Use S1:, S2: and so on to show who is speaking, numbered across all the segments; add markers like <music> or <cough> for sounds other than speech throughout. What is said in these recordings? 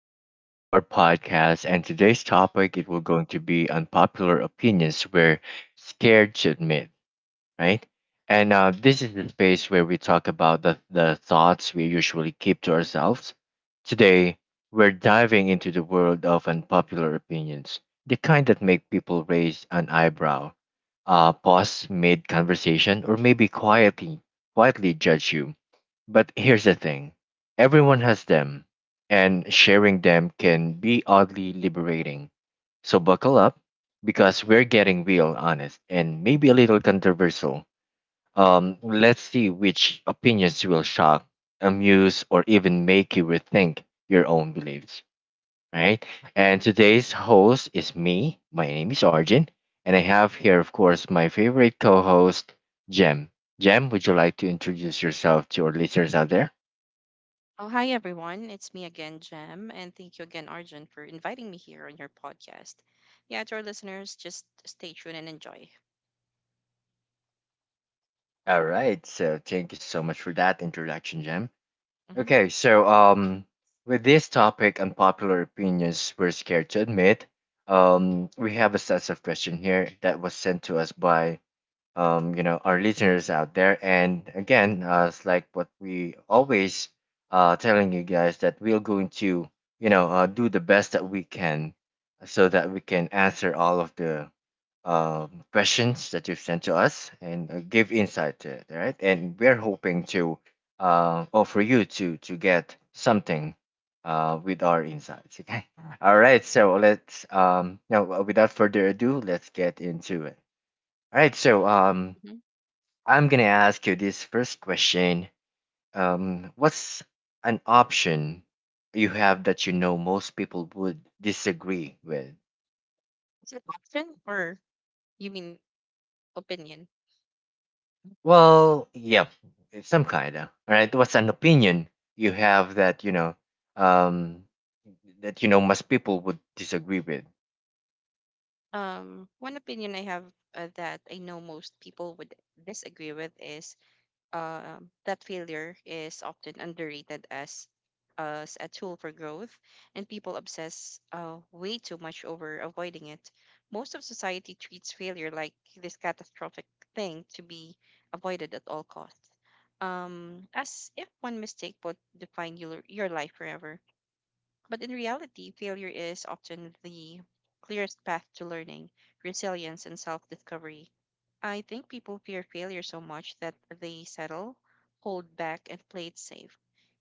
S1: welcome to our podcast. And today's topic it will going to be unpopular opinions we're scared to admit, right? And this is the space where we talk about the thoughts we usually keep to ourselves. Today, we're diving into the world of unpopular opinions, the kind that make people raise an eyebrow, pause mid conversation, or maybe quietly judge you. But here's the thing, everyone has them, and sharing them can be oddly liberating. So buckle up because we're getting real, honest, and maybe a little controversial. Let's see which opinions will shock, amuse, or even make you rethink your own beliefs. Right? And today's host is me. My name is Arjun. And I have here, of course, my favorite co host, Jem. Jem, would you like to introduce yourself to our listeners out there?
S2: Oh, hi everyone. It's me again, Jem, and thank you again, Arjun, for inviting me here on your podcast. Yeah, to our listeners, just stay tuned and enjoy. Yeah.
S1: All right. So thank you so much for that introduction, Jem.
S2: Mm-hmm.
S1: Okay, so with this topic, unpopular opinions we're scared to admit. We have a set of question here that was sent to us by our listeners out there. And again, it's like what we always telling you guys, that we're going to do the best that we can so that we can answer all of the questions that you've sent to us and give insight to it, right? And we're hoping to offer you to get something with our insights. Okay. <laughs> All right. So let's now without further ado, let's get into it. All right. So
S2: Mm-hmm.
S1: I'm gonna ask you this first question. What's an option you have that you know most people would disagree with?
S2: Is it option or you mean opinion?
S1: Well, yep, some kind of right. What's an opinion you have that um, you know, most people would disagree with.
S2: One opinion I have that I know most people would disagree with is uh, that failure is often underrated as a tool for growth, and people obsess way too much over avoiding it. Most of society treats failure like this catastrophic thing to be avoided at all costs, as if one mistake would define your life forever. But in reality, failure is often the clearest path to learning, resilience, and self discovery. I think people fear failure so much that they settle, hold back, and play it safe,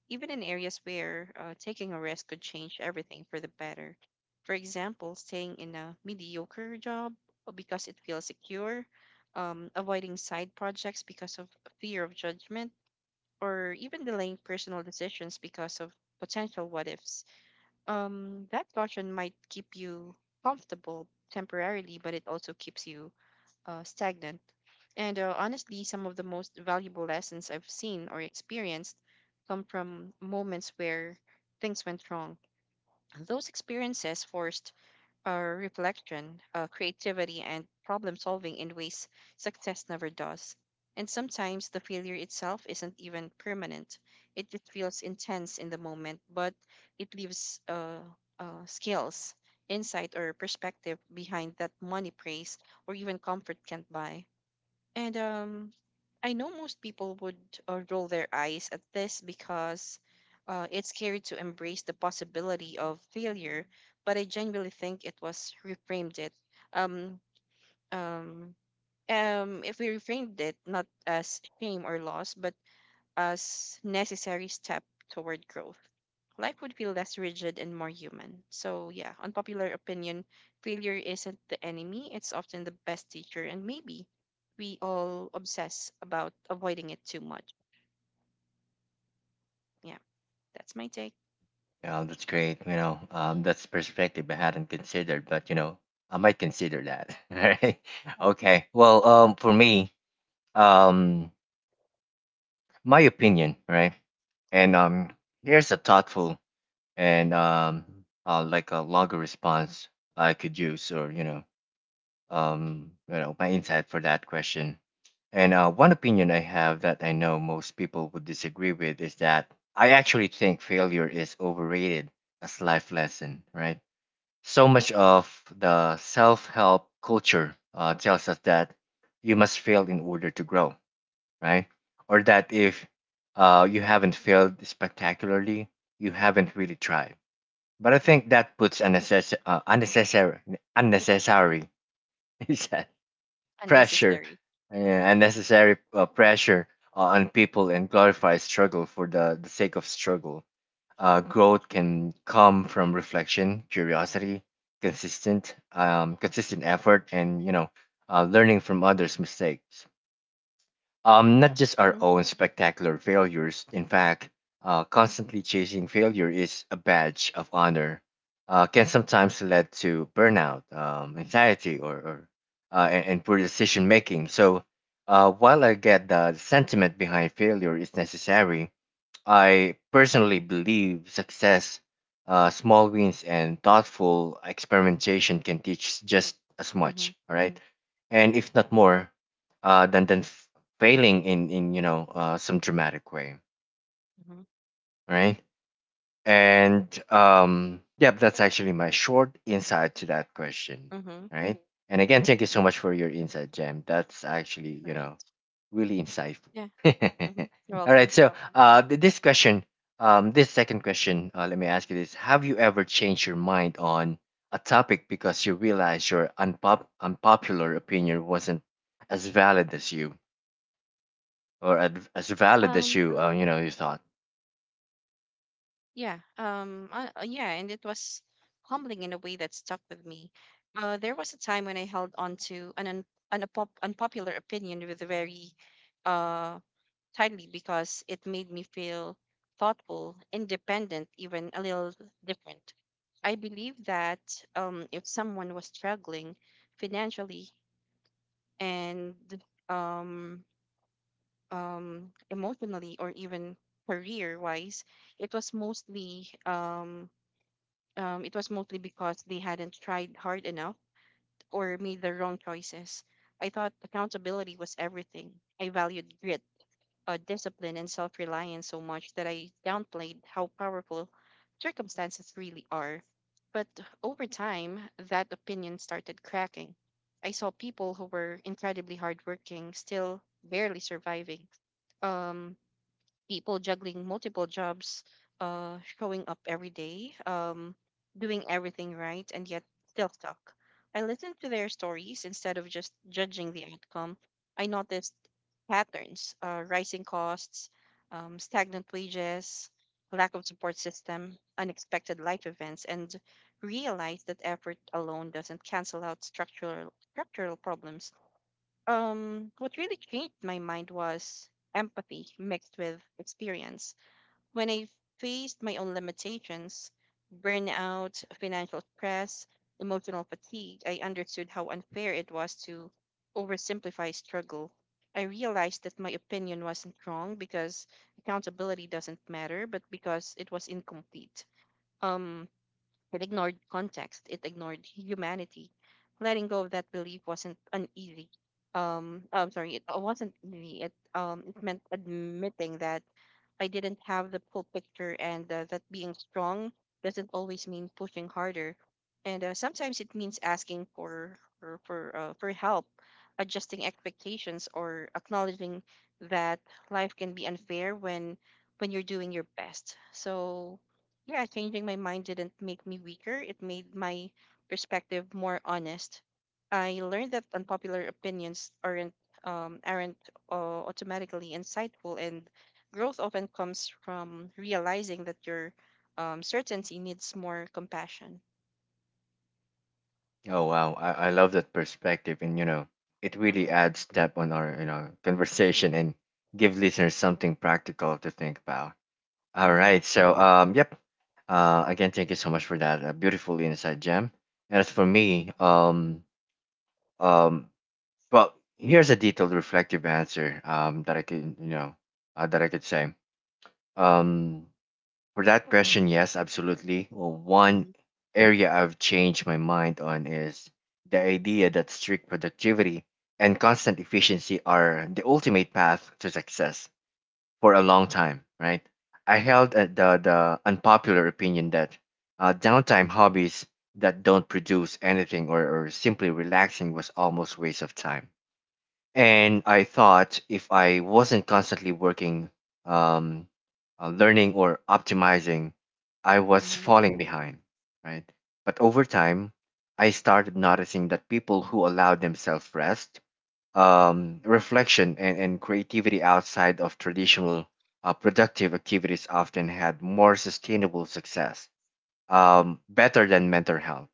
S2: even in areas where taking a risk could change everything for the better. For example, staying in a mediocre job because it feels secure, avoiding side projects because of fear of judgment, or even delaying personal decisions because of potential what ifs. That caution might keep you comfortable temporarily, but it also keeps you stagnant. And Honestly, some of the most valuable lessons I've seen or experienced come from moments where things went wrong. Those experiences forced reflection, creativity, and problem solving in ways success never does. And sometimes the failure itself isn't even permanent. It just feels intense in the moment, but it leaves skills, insight, or perspective behind that money, praise, or even comfort can't buy. And I know most people would roll their eyes at this because it's scary to embrace the possibility of failure, but I genuinely think it was reframed it. Um, um, if we reframed it not as shame or loss, but as necessary step toward growth. Life would feel less rigid and more human. So yeah, unpopular opinion, failure isn't the enemy, it's often the best teacher and maybe we all obsess about avoiding it too much. Yeah, that's my take.
S1: You know, that's great. That's perspective I hadn't considered, but you know, I might consider that. <laughs> Right? Okay. Well, for me, um, my opinion, right? And Here's a thoughtful and like a longer response I could use, or you know, my insight for that question. And One opinion I have that I know most people would disagree with is that I actually think failure is overrated as life lesson, right? So much of the self-help culture tells us that you must fail in order to grow, right? Or that if you haven't failed spectacularly, you haven't really tried. But I think that puts unnecessary <laughs> he said, pressure,
S2: Unnecessary. Mhm.
S1: pressure on people, and glorify struggle for the sake of struggle. Growth can come from reflection, curiosity, consistent effort, and learning from others' mistakes, not just our
S2: Mhm.
S1: own spectacular failures. In fact, constantly chasing failure is a badge of honor, can sometimes lead to burnout, anxiety, and poor decision making. So, while I get the sentiment behind failure is necessary, I personally believe success, small wins, and thoughtful experimentation can teach just as
S2: Mhm.
S1: much. All right, and if not more, than failing in some dramatic way.
S2: Mhm.
S1: All right. And Yep, that's actually my short insight to that question,
S2: Mhm.
S1: right? And again, thank you so much for your insight, Jam. That's actually, you
S2: Right.
S1: know, really insightful.
S2: Yeah.
S1: <laughs>
S2: Mhm. You're
S1: All right,
S2: welcome.
S1: so this question, this second question, let me ask you this: have you ever changed your mind on a topic because you realized your unpopular opinion wasn't as valid as you, as valid as
S2: Um
S1: you, you thought?
S2: Yeah, and it was humbling in a way that stuck with me. There was a time when I held on to an un- an unpop- unpopular opinion with a very uh tightly because it made me feel thoughtful, independent, even a little different. I believe that if someone was struggling financially and um, emotionally or even career wise, it was mostly because they hadn't tried hard enough or made the wrong choices. I thought accountability was everything. I valued grit, discipline, and self reliance so much that I downplayed how powerful circumstances really are. But over time, that opinion started cracking. I saw people who were incredibly hardworking, still barely surviving. Um, People juggling multiple jobs, showing up every day, doing everything right, and yet still stuck. I listened to their stories instead of just judging the outcome. I noticed patterns, rising costs, stagnant wages, lack of support system, unexpected life events, and realized that effort alone doesn't cancel out structural problems. What really changed my mind was empathy mixed with experience. When I faced my own limitations, burnout, financial stress, emotional fatigue, I understood how unfair it was to oversimplify struggle. I realized that my opinion wasn't wrong because accountability doesn't matter, but because it was incomplete. um it ignored context. It ignored humanity. Letting go of that belief wasn't uneasy. It wasn't easy. It meant admitting that I didn't have the full picture, and that being strong doesn't always mean pushing harder. And Sometimes it means asking for help, adjusting expectations, or acknowledging that life can be unfair when you're doing your best. So yeah, changing my mind didn't make me weaker. It made my perspective more honest. I learned that unpopular opinions aren't um, aren't automatically insightful, and growth often comes from realizing that your certainty needs more compassion.
S1: Oh wow, I love that perspective, and you know, it really
S2: Mm-hmm,
S1: adds depth on our conversation and give listeners something practical to think about. All
S2: mm-hmm,
S1: right, so yep. Again, thank you so much for that beautiful insight, Gem. And as for me, um, well, here's a detailed, reflective answer that I could that I could say. Um, for that question, yes, absolutely. Well, one
S2: mm-hmm,
S1: area I've changed my mind on is the idea that strict productivity and constant efficiency are the ultimate path to success for a long time, right? I held the unpopular opinion that downtime hobbies that don't produce anything or simply relaxing was almost waste of time, and I thought if I wasn't constantly working, um, learning, or optimizing, I was
S2: mm-hmm,
S1: falling behind, right? But over time, I started noticing that people who allowed themselves rest, reflection, and creativity outside of traditional productive activities often had more sustainable success, better than mental health,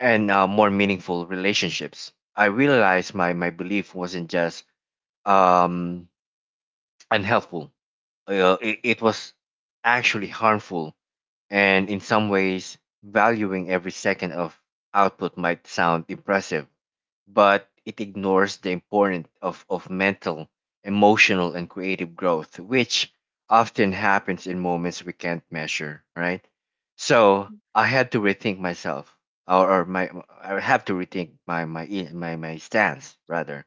S1: and more meaningful relationships. I realized my belief wasn't just um, unhelpful. It was actually harmful, and in some ways, valuing every second of output might sound impressive, but it ignores the importance of mental, emotional, and creative growth, which often happens in moments we can't measure, right? So I had to rethink myself, or my I have to rethink my stance rather,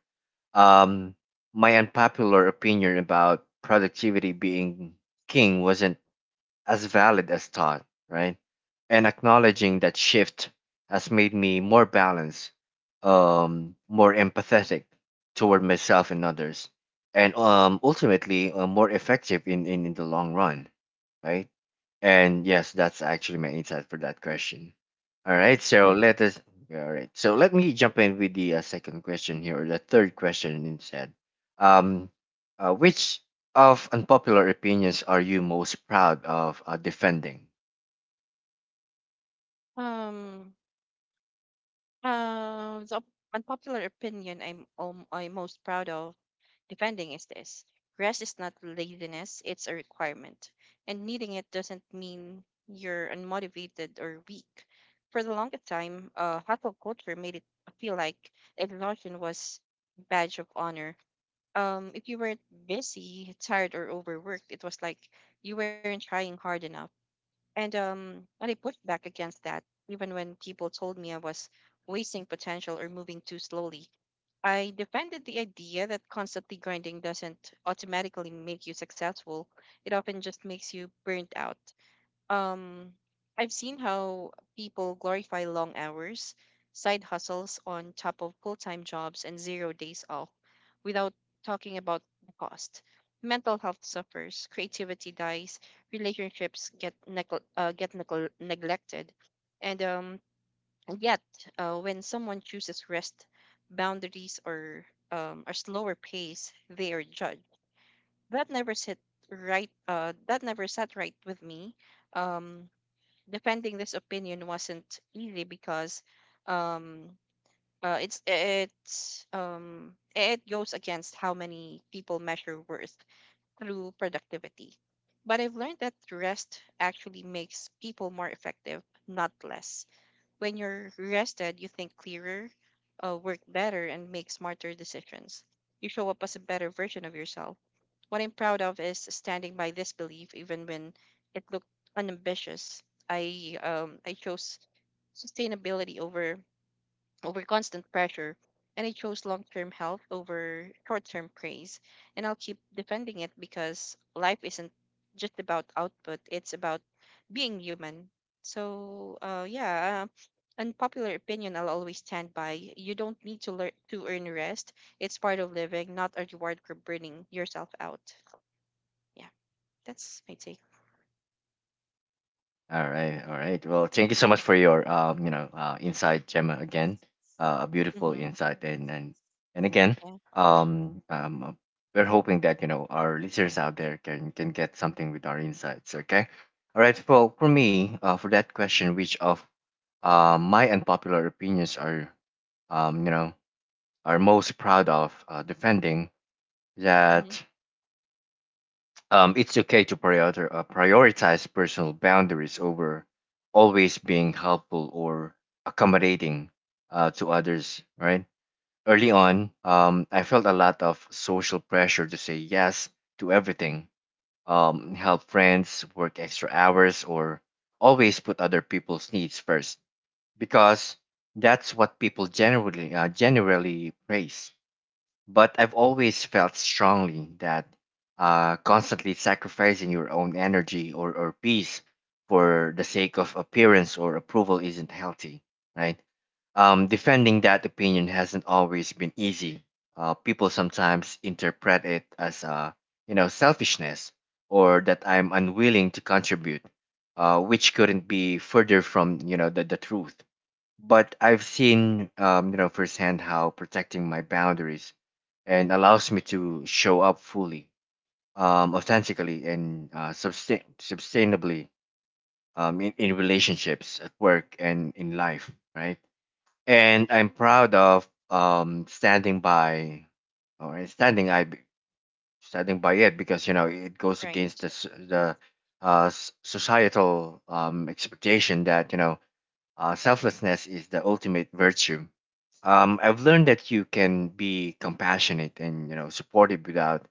S1: um, my unpopular opinion about productivity being king wasn't as valid as thought, right? And acknowledging that shift has made me more balanced, more empathetic toward myself and others, and ultimately more effective in, in the long run, right? And yes, that's actually my insight for that question. All
S2: right.
S1: right, so all right, so let me jump in with the second question here, or the third question instead. Um, which of unpopular opinions are you most proud of defending?
S2: Um. The unpopular opinion I'm most proud of depending is this. Rest is not laziness, it's a requirement. And needing it doesn't mean you're unmotivated or weak. For the longest time, hustle culture made it feel like exhaustion was badge of honor. If you weren't busy, tired, or overworked, it was like you weren't trying hard enough. And I pushed back against that, even when people told me I was wasting potential or moving too slowly. I defended the idea that constantly grinding doesn't automatically make you successful. It often just makes you burnt out. Um, I've seen how people glorify long hours, side hustles on top of full time jobs, and zero days off without talking about the cost. Mental health suffers, creativity dies, relationships get neglected, and um, and yet, when someone chooses rest, boundaries, or a slower pace, they are judged. That never sit right. That never sat right with me. Um, Defending this opinion wasn't easy because um, it goes against how many people measure worth through productivity. But I've learned that rest actually makes people more effective, not less. When you're rested, you think clearer, work better, and make smarter decisions. You show up as a better version of yourself. What I'm proud of is standing by this belief, even when it looked unambitious. I chose sustainability over constant pressure, and I chose long-term health over short-term praise. And I'll keep defending it because life isn't just about output; it's about being human. So, yeah, unpopular opinion I'll always stand by. You don't need to learn to earn rest. It's part of living, not a reward for burning yourself out. Yeah, that's my take.
S1: All right, all right. Well, thank you so much for your insight, Gemma. Again, a beautiful
S2: Mm-hmm.
S1: insight, and again,
S2: Yeah.
S1: um, um, we're hoping that you know our listeners out there can get something with our insights. Okay, all right. Well, for me, for that question, which of my unpopular opinions are um, you know, are most proud of defending, that
S2: Mm-hmm.
S1: It's okay to prioritize personal boundaries over always being helpful or accommodating to others, right? Early on, I felt a lot of social pressure to say yes to everything, help friends, work extra hours, or always put other people's needs first because that's what people generally generally praise. But I've always felt strongly that constantly sacrificing your own energy or peace for the sake of appearance or approval isn't healthy, right? Defending that opinion hasn't always been easy. People sometimes interpret it as selfishness or that I'm unwilling to contribute, which couldn't be further from the truth. But I've seen firsthand how protecting my boundaries and allows me to show up fully, authentically, and sustainably in relationships, at work, and in life, right? And I'm proud of standing by, or standing I standing by it because you know it goes against the
S2: Right.
S1: s- the uh, s- societal expectation that selflessness is the ultimate virtue. I've learned that you can be compassionate and you know supportive without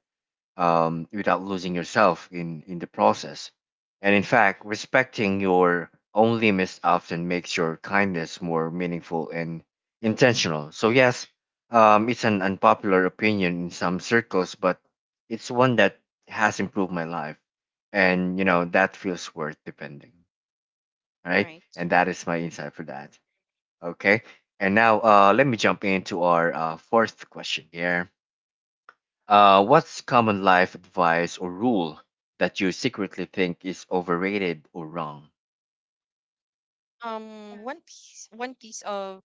S1: without losing yourself in the process. And in fact, respecting your own limits often makes your kindness more meaningful and intentional. So yes, it's an unpopular opinion in some circles, but it's one that has improved my life, and you know that feels worth defending. All right,
S2: Right.
S1: and that is my insight for that. Okay. And now let me jump into our fourth question here. What's common life advice or rule that you secretly think is overrated or wrong?
S2: Um, one piece. One piece of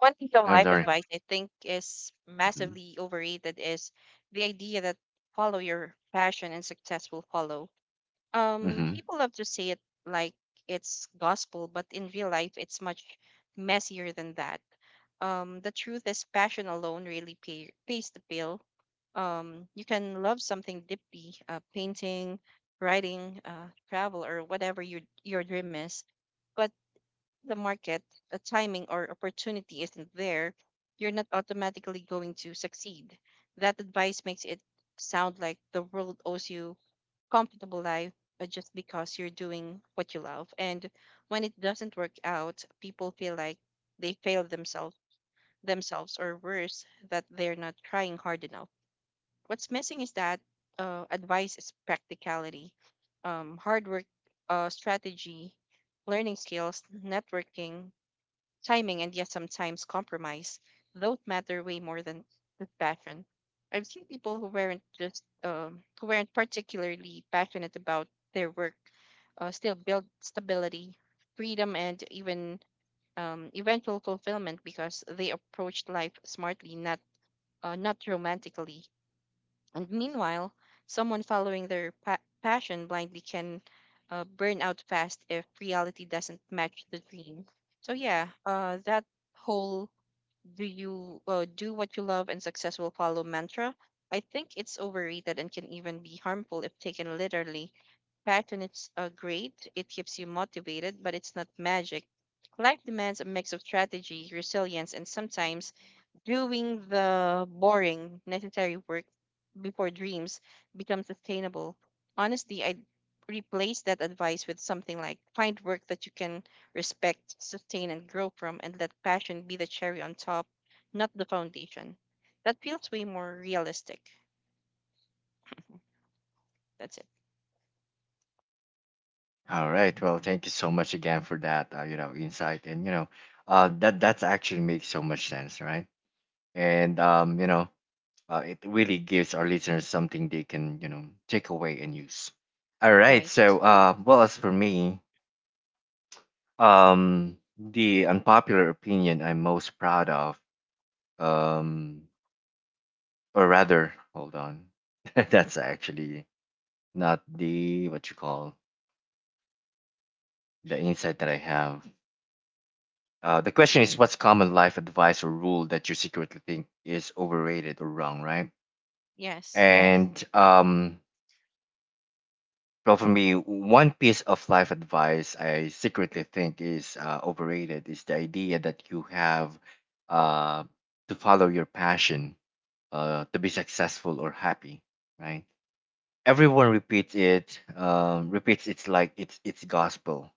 S2: One piece of
S1: I'm
S2: life
S1: sorry.
S2: advice I think is
S1: Mm-hmm.
S2: massively overrated is the idea that follow your passion and success will follow.
S1: Mm-hmm.
S2: People love to say it like it's gospel, but in real life it's much messier than that. The truth is passion alone really pays the bill. You can love something deeply, painting, writing, travel, or whatever your dream is, but the market, the timing, or opportunity isn't there, you're not automatically going to succeed. That advice makes it sound like the world owes you comfortable life, just because you're doing what you love. And when it doesn't work out, people feel like they failed themselves or worse, that they're not trying hard enough. What's missing is that advice is practicality, hard work, strategy, learning skills, networking, timing, and yet sometimes compromise, don't matter way more than just passion. I've seen people who weren't just who weren't particularly passionate about their work, still build stability, freedom, and even eventual fulfillment because they approached life smartly, not not romantically. And meanwhile, someone following their passion blindly can burn out fast if reality doesn't match the dream. So yeah, that whole "do you do what you love and success will follow" mantra, I think it's overrated and can even be harmful if taken literally. Passion is great; it keeps you motivated, but it's not magic. Life demands a mix of strategy, resilience, and sometimes doing the boring, necessary work before dreams become sustainable. Honestly, I'd replace that advice with something like find work that you can respect, sustain, and grow from, and let passion be the cherry on top, not the foundation. That feels way more realistic. That's it.
S1: All right. Well, thank you so much again for that. You know, insight and you know, that that actually makes so much sense, right? And you know, it really gives our listeners something they can you know take away and use. All right.
S2: Right.
S1: So, well, as for me, the unpopular opinion I'm most proud of, um, or rather, hold on, <laughs> that's actually not the what you call the insight that I have. The question is, what's common life advice or rule that you secretly think is overrated or wrong, right?
S2: Yes.
S1: And well, for me, one piece of life advice I secretly think is overrated is the idea that you have uh, to follow your passion to be successful or happy, right? Everyone repeats it, repeats it's like it's gospel.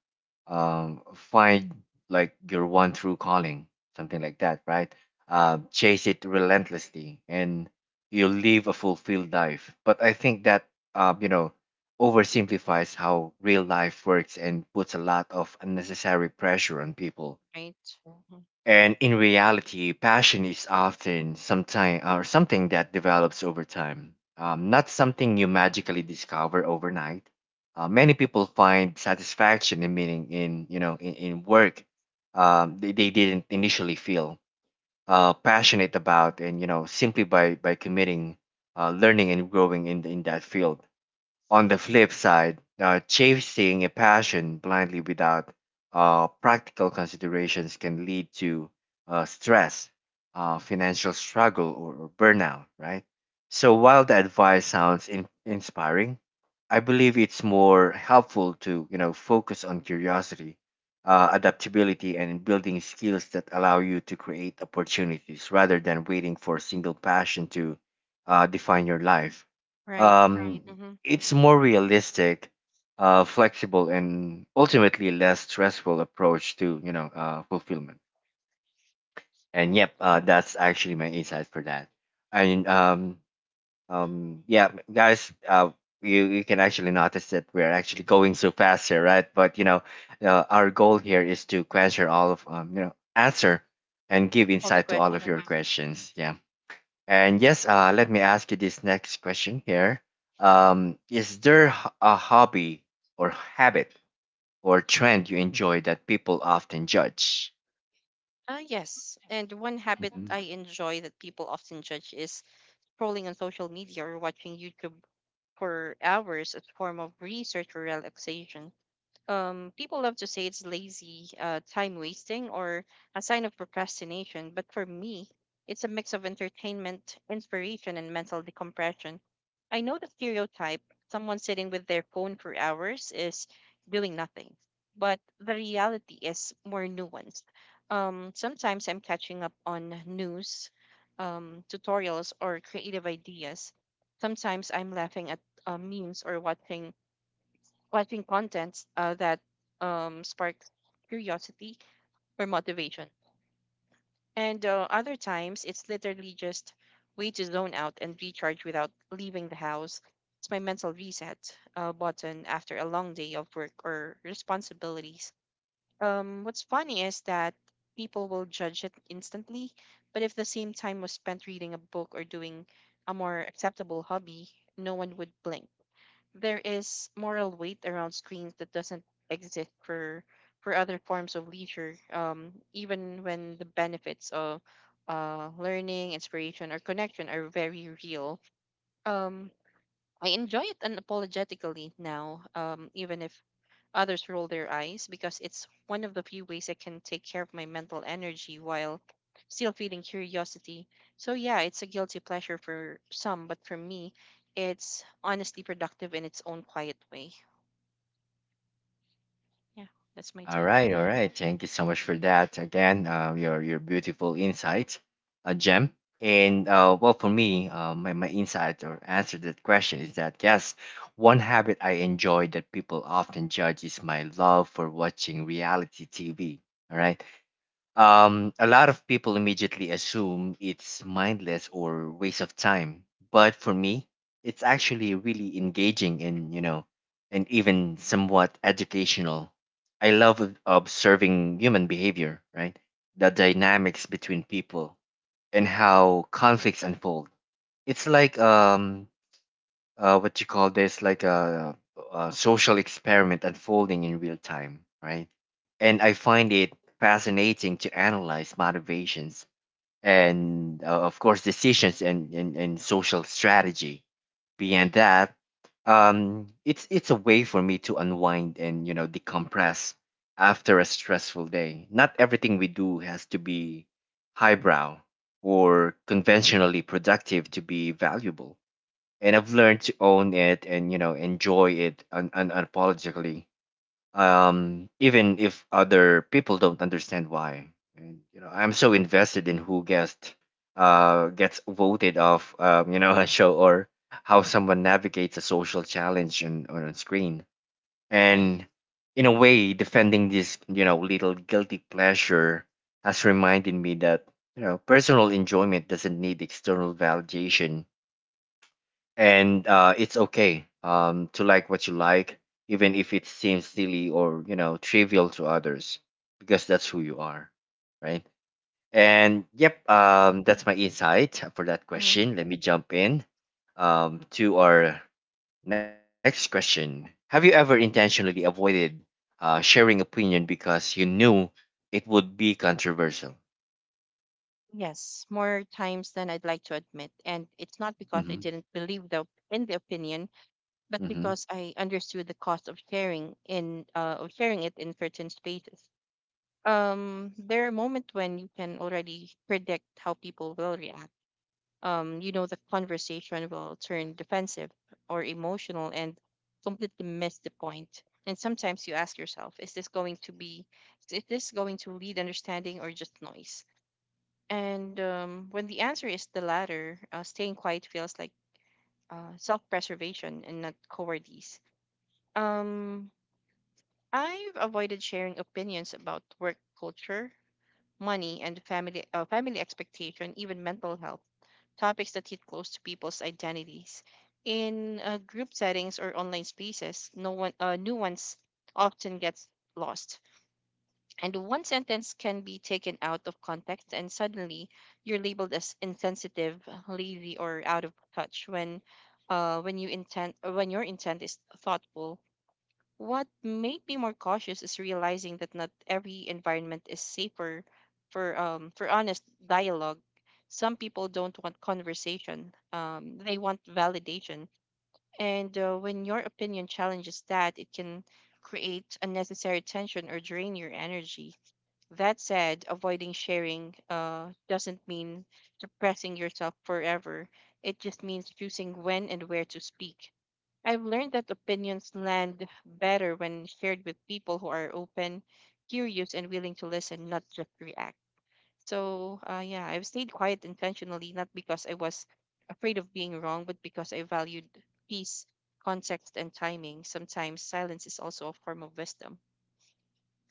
S1: Find like your one true calling, something like that, right? Chase it relentlessly, and you'll live a fulfilled life. But I think that um, you know oversimplifies how real life works and puts a lot of unnecessary pressure on people.
S2: Right.
S1: And in reality, passion is often sometime or something that develops over time, not something you magically discover overnight. Many people find satisfaction and meaning in in work they didn't initially feel
S2: Mm-hmm.
S1: passionate about, and simply by committing, learning and growing in that field. On the flip side, chasing a passion blindly without practical considerations can lead to stress, financial struggle, or burnout, right? So while the advice sounds inspiring, I believe it's more helpful to focus on curiosity, adaptability, and building skills that allow you to create opportunities rather than waiting for a single passion to define your life.
S2: Right.
S1: Right. Right.
S2: Mm-hmm.
S1: It's more realistic, flexible, and ultimately less stressful approach to fulfillment. And
S2: Right.
S1: yep, that's actually my insight for that. And Yeah, guys, you can actually notice that we're actually going so fast here, right? But you know, our goal here is to answer all of answer and give
S2: All the
S1: insight to all of your
S2: questions.
S1: questions. Yeah. And yes, let me ask you this next question here. Is there a hobby or habit or trend you enjoy that people often judge?
S2: Yes. And one habit
S1: Mhm.
S2: I enjoy that people often judge is scrolling on social media or watching YouTube for hours as form of research or relaxation. People love to say it's lazy, time wasting, or a sign of procrastination. But for me, it's a mix of entertainment, inspiration, and mental decompression. I know the stereotype, someone sitting with their phone for hours is doing nothing, but the reality is more nuanced. Sometimes I'm catching up on news, tutorials, or creative ideas. Sometimes I'm laughing at memes or watching contents that sparks curiosity or motivation. And Other times, it's literally just way to zone out and recharge without leaving the house. It's my mental reset button after a long day of work or responsibilities. What's funny is that people will judge it instantly, but if the same time was spent reading a book or doing a more acceptable hobby, no one would blink. There is moral weight around screens that doesn't exist for other forms of leisure, even when the benefits of learning, inspiration, or connection are very real. um, I enjoy it unapologetically now, even if others roll their eyes, because it's one of the few ways I can take care of my mental energy while still feeling curiosity. So, yeah, it's a guilty pleasure for some, but for me, it's honestly productive in its own quiet way. Yeah, that's my
S1: All
S2: take.
S1: right, all right. Thank you so much for that. Again, your beautiful insight, a gem. And well, for me, my insight or answer to that question is that yes, one habit I enjoy that people often judge is my love for watching reality TV. All right. A lot of people immediately assume it's mindless or waste of time, but for me, it's actually really engaging and, you know, and even somewhat educational. I love observing human behavior, right? The dynamics between people and how conflicts unfold. It's like what you call this like a social experiment unfolding in real time, right? And I find it fascinating to analyze motivations and, of course, decisions and social strategy. Beyond that, it's a way for me to unwind and, you know, decompress after a stressful day. Not everything we do has to be highbrow or conventionally productive to be valuable, and I've learned to own it and, you know, enjoy it unapologetically. Even if other people don't understand why, and, you know, I'm so invested in who guessed, gets voted off, you know, <laughs> a show or how someone navigates a social challenge on a screen,
S2: Right.
S1: and in a way, defending this, you know, little guilty pleasure has reminded me that, you know, personal enjoyment doesn't need external validation. And it's okay, to like what you like, even if it seems silly or, you know, trivial to others, because that's who you are, right? And yep,
S2: Mhm.
S1: that's my insight for that
S2: Mhm.
S1: question. Let me jump in to our next question. Have you ever intentionally avoided sharing opinion because you knew it would be controversial?
S2: Yes, more times than I'd like to admit. And it's not because I
S1: Mm-hmm.
S2: didn't believe the in the opinion, but
S1: Mm-hmm.
S2: because I understood the cost of sharing in of sharing it in certain spaces. There are moments when you can already predict how people will react. You know, the conversation will turn defensive or emotional and completely miss the point. And sometimes you ask yourself, is this going to lead understanding or just noise? And when the answer is the latter, staying quiet feels like self-preservation and not cowardice. um I've avoided sharing opinions about work culture, money, and family expectation, even mental health, topics that hit close to people's identities. In group settings or online spaces, no one nuance often gets lost, and one sentence can be taken out of context, and suddenly you're labeled as insensitive, lazy, or out of touch When your intent is thoughtful, what made me more cautious is realizing that not every environment is safer for honest dialogue. Some people don't want conversation. They want validation. And when your opinion challenges that, it can create unnecessary tension or drain your energy. That said, avoiding sharing doesn't mean suppressing yourself forever. It just means choosing when and where to speak. I've learned that opinions land better when shared with people who are open, curious, and willing to listen, not just react. So, yeah, I've stayed quiet intentionally, not because I was afraid of being wrong, but because I valued peace, context, and timing. Sometimes silence is also a form of wisdom.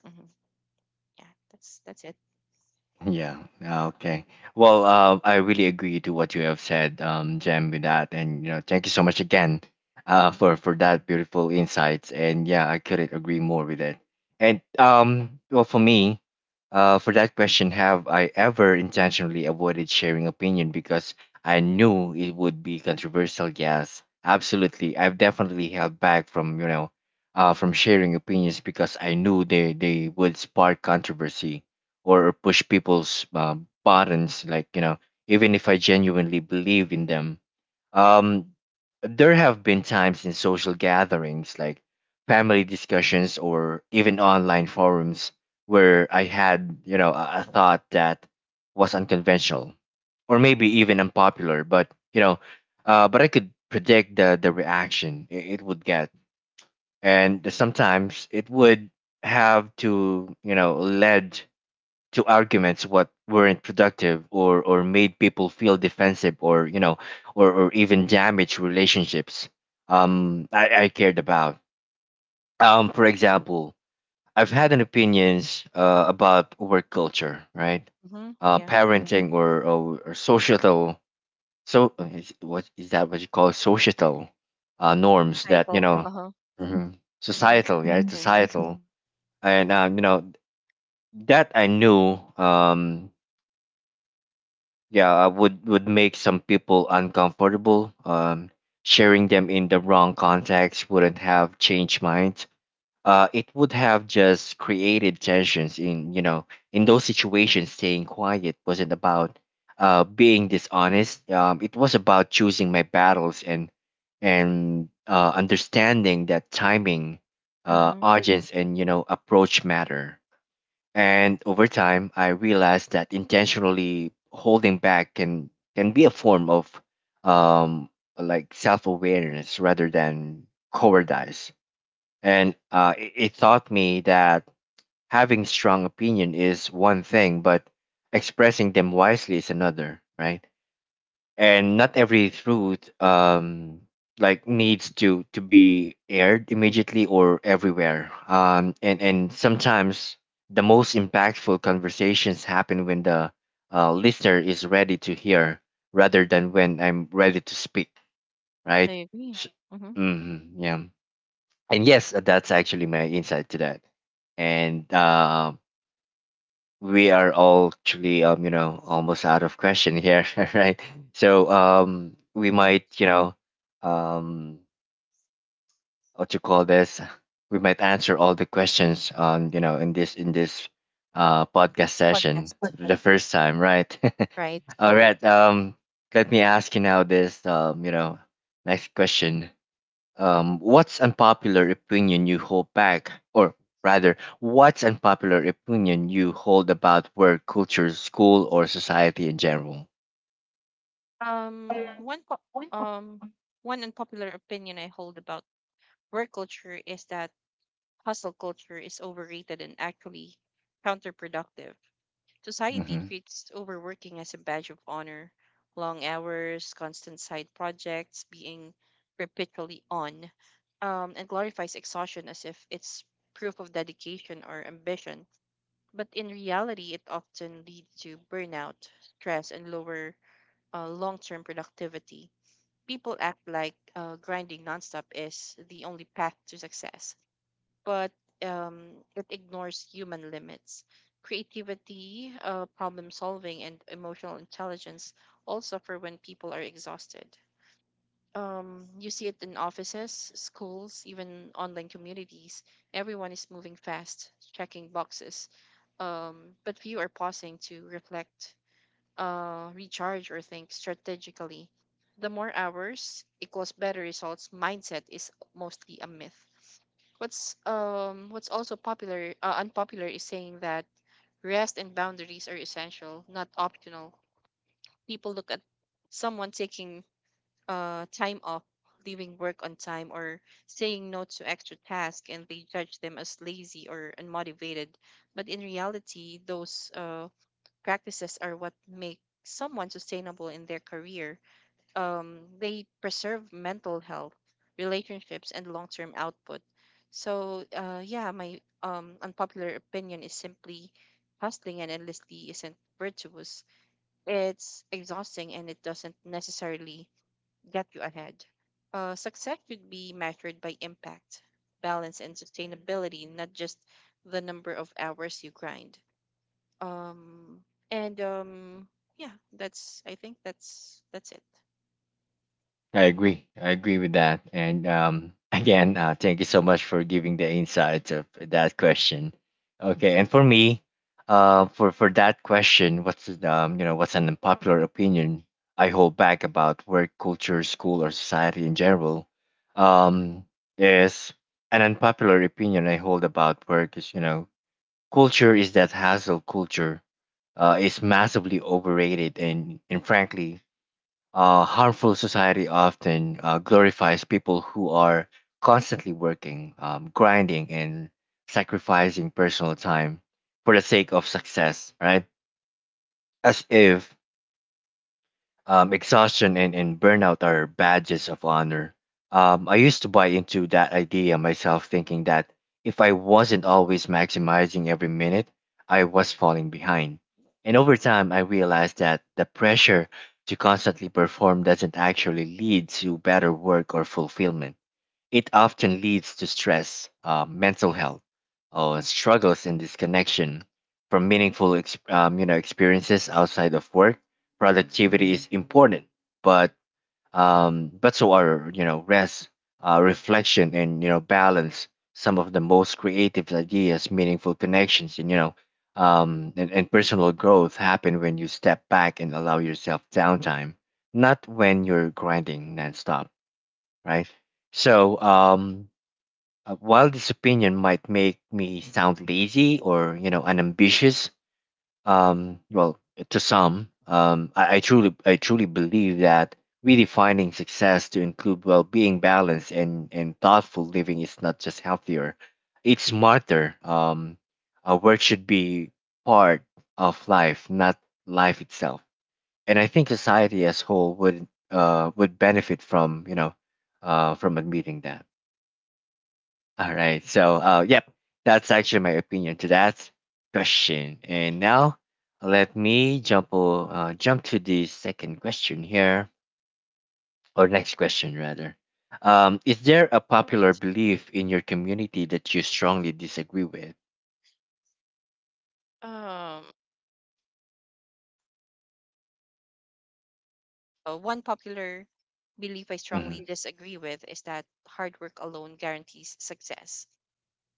S2: Hmm. Yeah, that's it.
S1: Yeah. Okay. Well, I really agree to what you have said, Jem, with that, and you know, thank you so much again, for that beautiful insights. And yeah, I couldn't agree more with it. And well, for me, for that question, have I ever intentionally avoided sharing opinion because I knew it would be controversial? Yes, absolutely. I've definitely held back from, you know, from sharing opinions because I knew they would spark controversy or push people's, buttons, like, you know, even if I genuinely believe in them. um there have been times in social gatherings like family discussions or even online forums where I had, you know, a thought that was unconventional or maybe even unpopular, but, you know, but I could predict the reaction it would get. And sometimes it would have to, you know, led to arguments what weren't productive, or made people feel defensive, or, you know, or even damaged relationships I cared about. For example, I've had an opinions about work culture, right?
S2: Hmm. Yeah,
S1: Parenting, or, or societal, so is, what is that what you call societal norms that, you
S2: title.
S1: know.
S2: Uh huh.
S1: Mhm.
S2: Mm-hmm.
S1: Societal, yeah,
S2: Title.
S1: societal. And you know, that I knew, um, yeah, would make some people uncomfortable. Um, sharing them in the wrong context wouldn't have changed minds. It would have just created tensions. In, you know, in those situations, staying quiet wasn't about being dishonest. It was about choosing my battles and understanding that timing,
S2: Uh huh.
S1: audience, and, you know, approach matter. And over time, I realized that intentionally holding back can be a form of, um, like self awareness rather than cowardice. And it taught me that having strong opinion is one thing, but expressing them wisely is another, right? And not every truth, like, needs to be aired immediately or everywhere, and sometimes the most impactful conversations happen when the listener is ready to hear rather than when I'm ready to speak, right?
S2: I agree.
S1: S
S2: Mm-hmm.
S1: Mhm, yeah. And yes, that's actually my insight to that. And we are all actually, um, you know, almost out of question here <laughs> right? So, we
S2: Right.
S1: might, you know, um what you call this, we might answer all the questions, um, you know, in this, in this podcast session
S2: Podcast.
S1: the first time, right
S2: Right.
S1: <laughs> all right, let me ask you now this, um, you know, next question. What's unpopular opinion you hold back, or rather, what's unpopular opinion you hold about work, culture, school, or society in general?
S2: Um, one po- um One unpopular opinion I hold about work culture is that hustle culture is overrated and actually counterproductive. Society
S1: Mm-hmm.
S2: treats overworking as a badge of honor. Long hours, constant side projects, being perpetually on, and glorifies exhaustion as if it's proof of dedication or ambition. But in reality, it often leads to burnout, stress, and lower long-term productivity. People act like grinding nonstop is the only path to success, but um, it ignores human limits. Creativity, problem solving, and emotional intelligence all suffer when people are exhausted. You see it in offices, schools, even online communities. Everyone is moving fast, checking boxes, but few are pausing to reflect, recharge, or think strategically. The more hours equals better results mindset is mostly a myth. What's also popular, unpopular, is saying that rest and boundaries are essential, not optional. People look at someone taking time off, leaving work on time, or saying no to extra tasks, and they judge them as lazy or unmotivated. But in reality, those practices are what make someone sustainable in their career. They preserve mental health, relationships, and long term output. So, yeah, my unpopular opinion is simply hustling and endlessly isn't virtuous. It's exhausting and it doesn't necessarily get you ahead. Success should be measured by impact, balance, and sustainability, not just the number of hours you grind. Um, and yeah, that's I think that's it,
S1: I agree. I agree with that. And <laughs> again, thank you so much for giving the insights of that question. Okay, and for me, for that question, what's the, you know, what's an unpopular opinion I hold back about work culture, school, or society in general? Um, is an unpopular opinion I hold about work is, you know, culture is that hassle culture is massively overrated and frankly harmful. Society often, glorifies people who are constantly working, grinding, and sacrificing personal time for the sake of success, right? As if, exhaustion and, burnout are badges of honor. I used to buy into that idea myself, thinking that if I wasn't always maximizing every minute, I was falling behind. And over time, I realized that the pressure to constantly perform doesn't actually lead to better work or fulfillment. It often leads to stress, mental health, or struggles in disconnection from meaningful you know, experiences outside of work. Productivity is important, but, but so are, you know, rest, reflection, and, you know, balance. Some of the most creative ideas, meaningful connections, and, you know, and, personal growth happen when you step back and allow yourself downtime, not when you're grinding nonstop, right? So, while this opinion might make me sound lazy, or, you know, unambitious, well, to some, I truly believe that redefining success to include well-being, balance, and thoughtful living is not just healthier, it's smarter. Work should be part of life, not life itself. And I think society as whole would benefit from, you know, from admitting that. All right. So, yep, that's actually my opinion to that question. And now, let me jump to the second question here, or next question rather. Is there a popular
S2: right?
S1: belief in your community that you strongly disagree with?
S2: Um, One popular belief I strongly
S1: Mm-hmm.
S2: disagree with is that hard work alone guarantees success.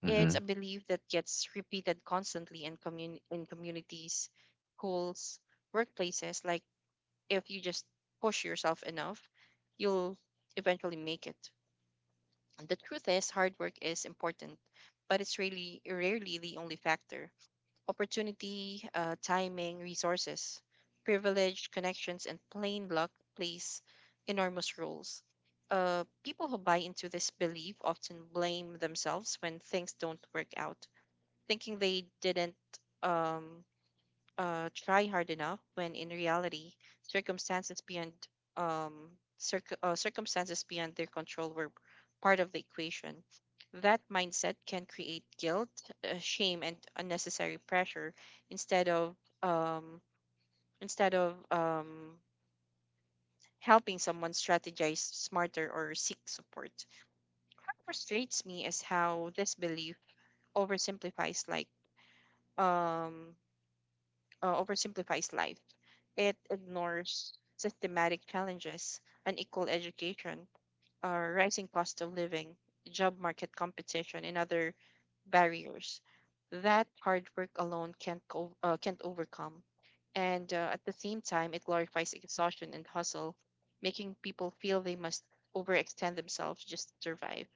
S1: Mm-hmm.
S2: It's a belief that gets repeated constantly in communities, schools, workplaces. Like if you just push yourself enough, you'll eventually make it. And the truth is, hard work is important, but it's really rarely the only factor. Opportunity, timing, resources, privilege, connections, and plain luck plays enormous roles. People who buy into this belief often blame themselves when things don't work out, thinking they didn't um, try hard enough when in reality circumstances beyond um, circumstances beyond their control were part of the equation. That mindset can create guilt, shame, and unnecessary pressure instead of um, instead of um, helping someone strategize smarter or seek support. What frustrates me is how this belief oversimplifies like um oversimplifies life. It ignores systematic challenges, unequal education, rising cost of living, job market competition, and other barriers that hard work alone can't overcome. And at the same time, it glorifies exhaustion and hustle, making people feel they must overextend themselves just to survive.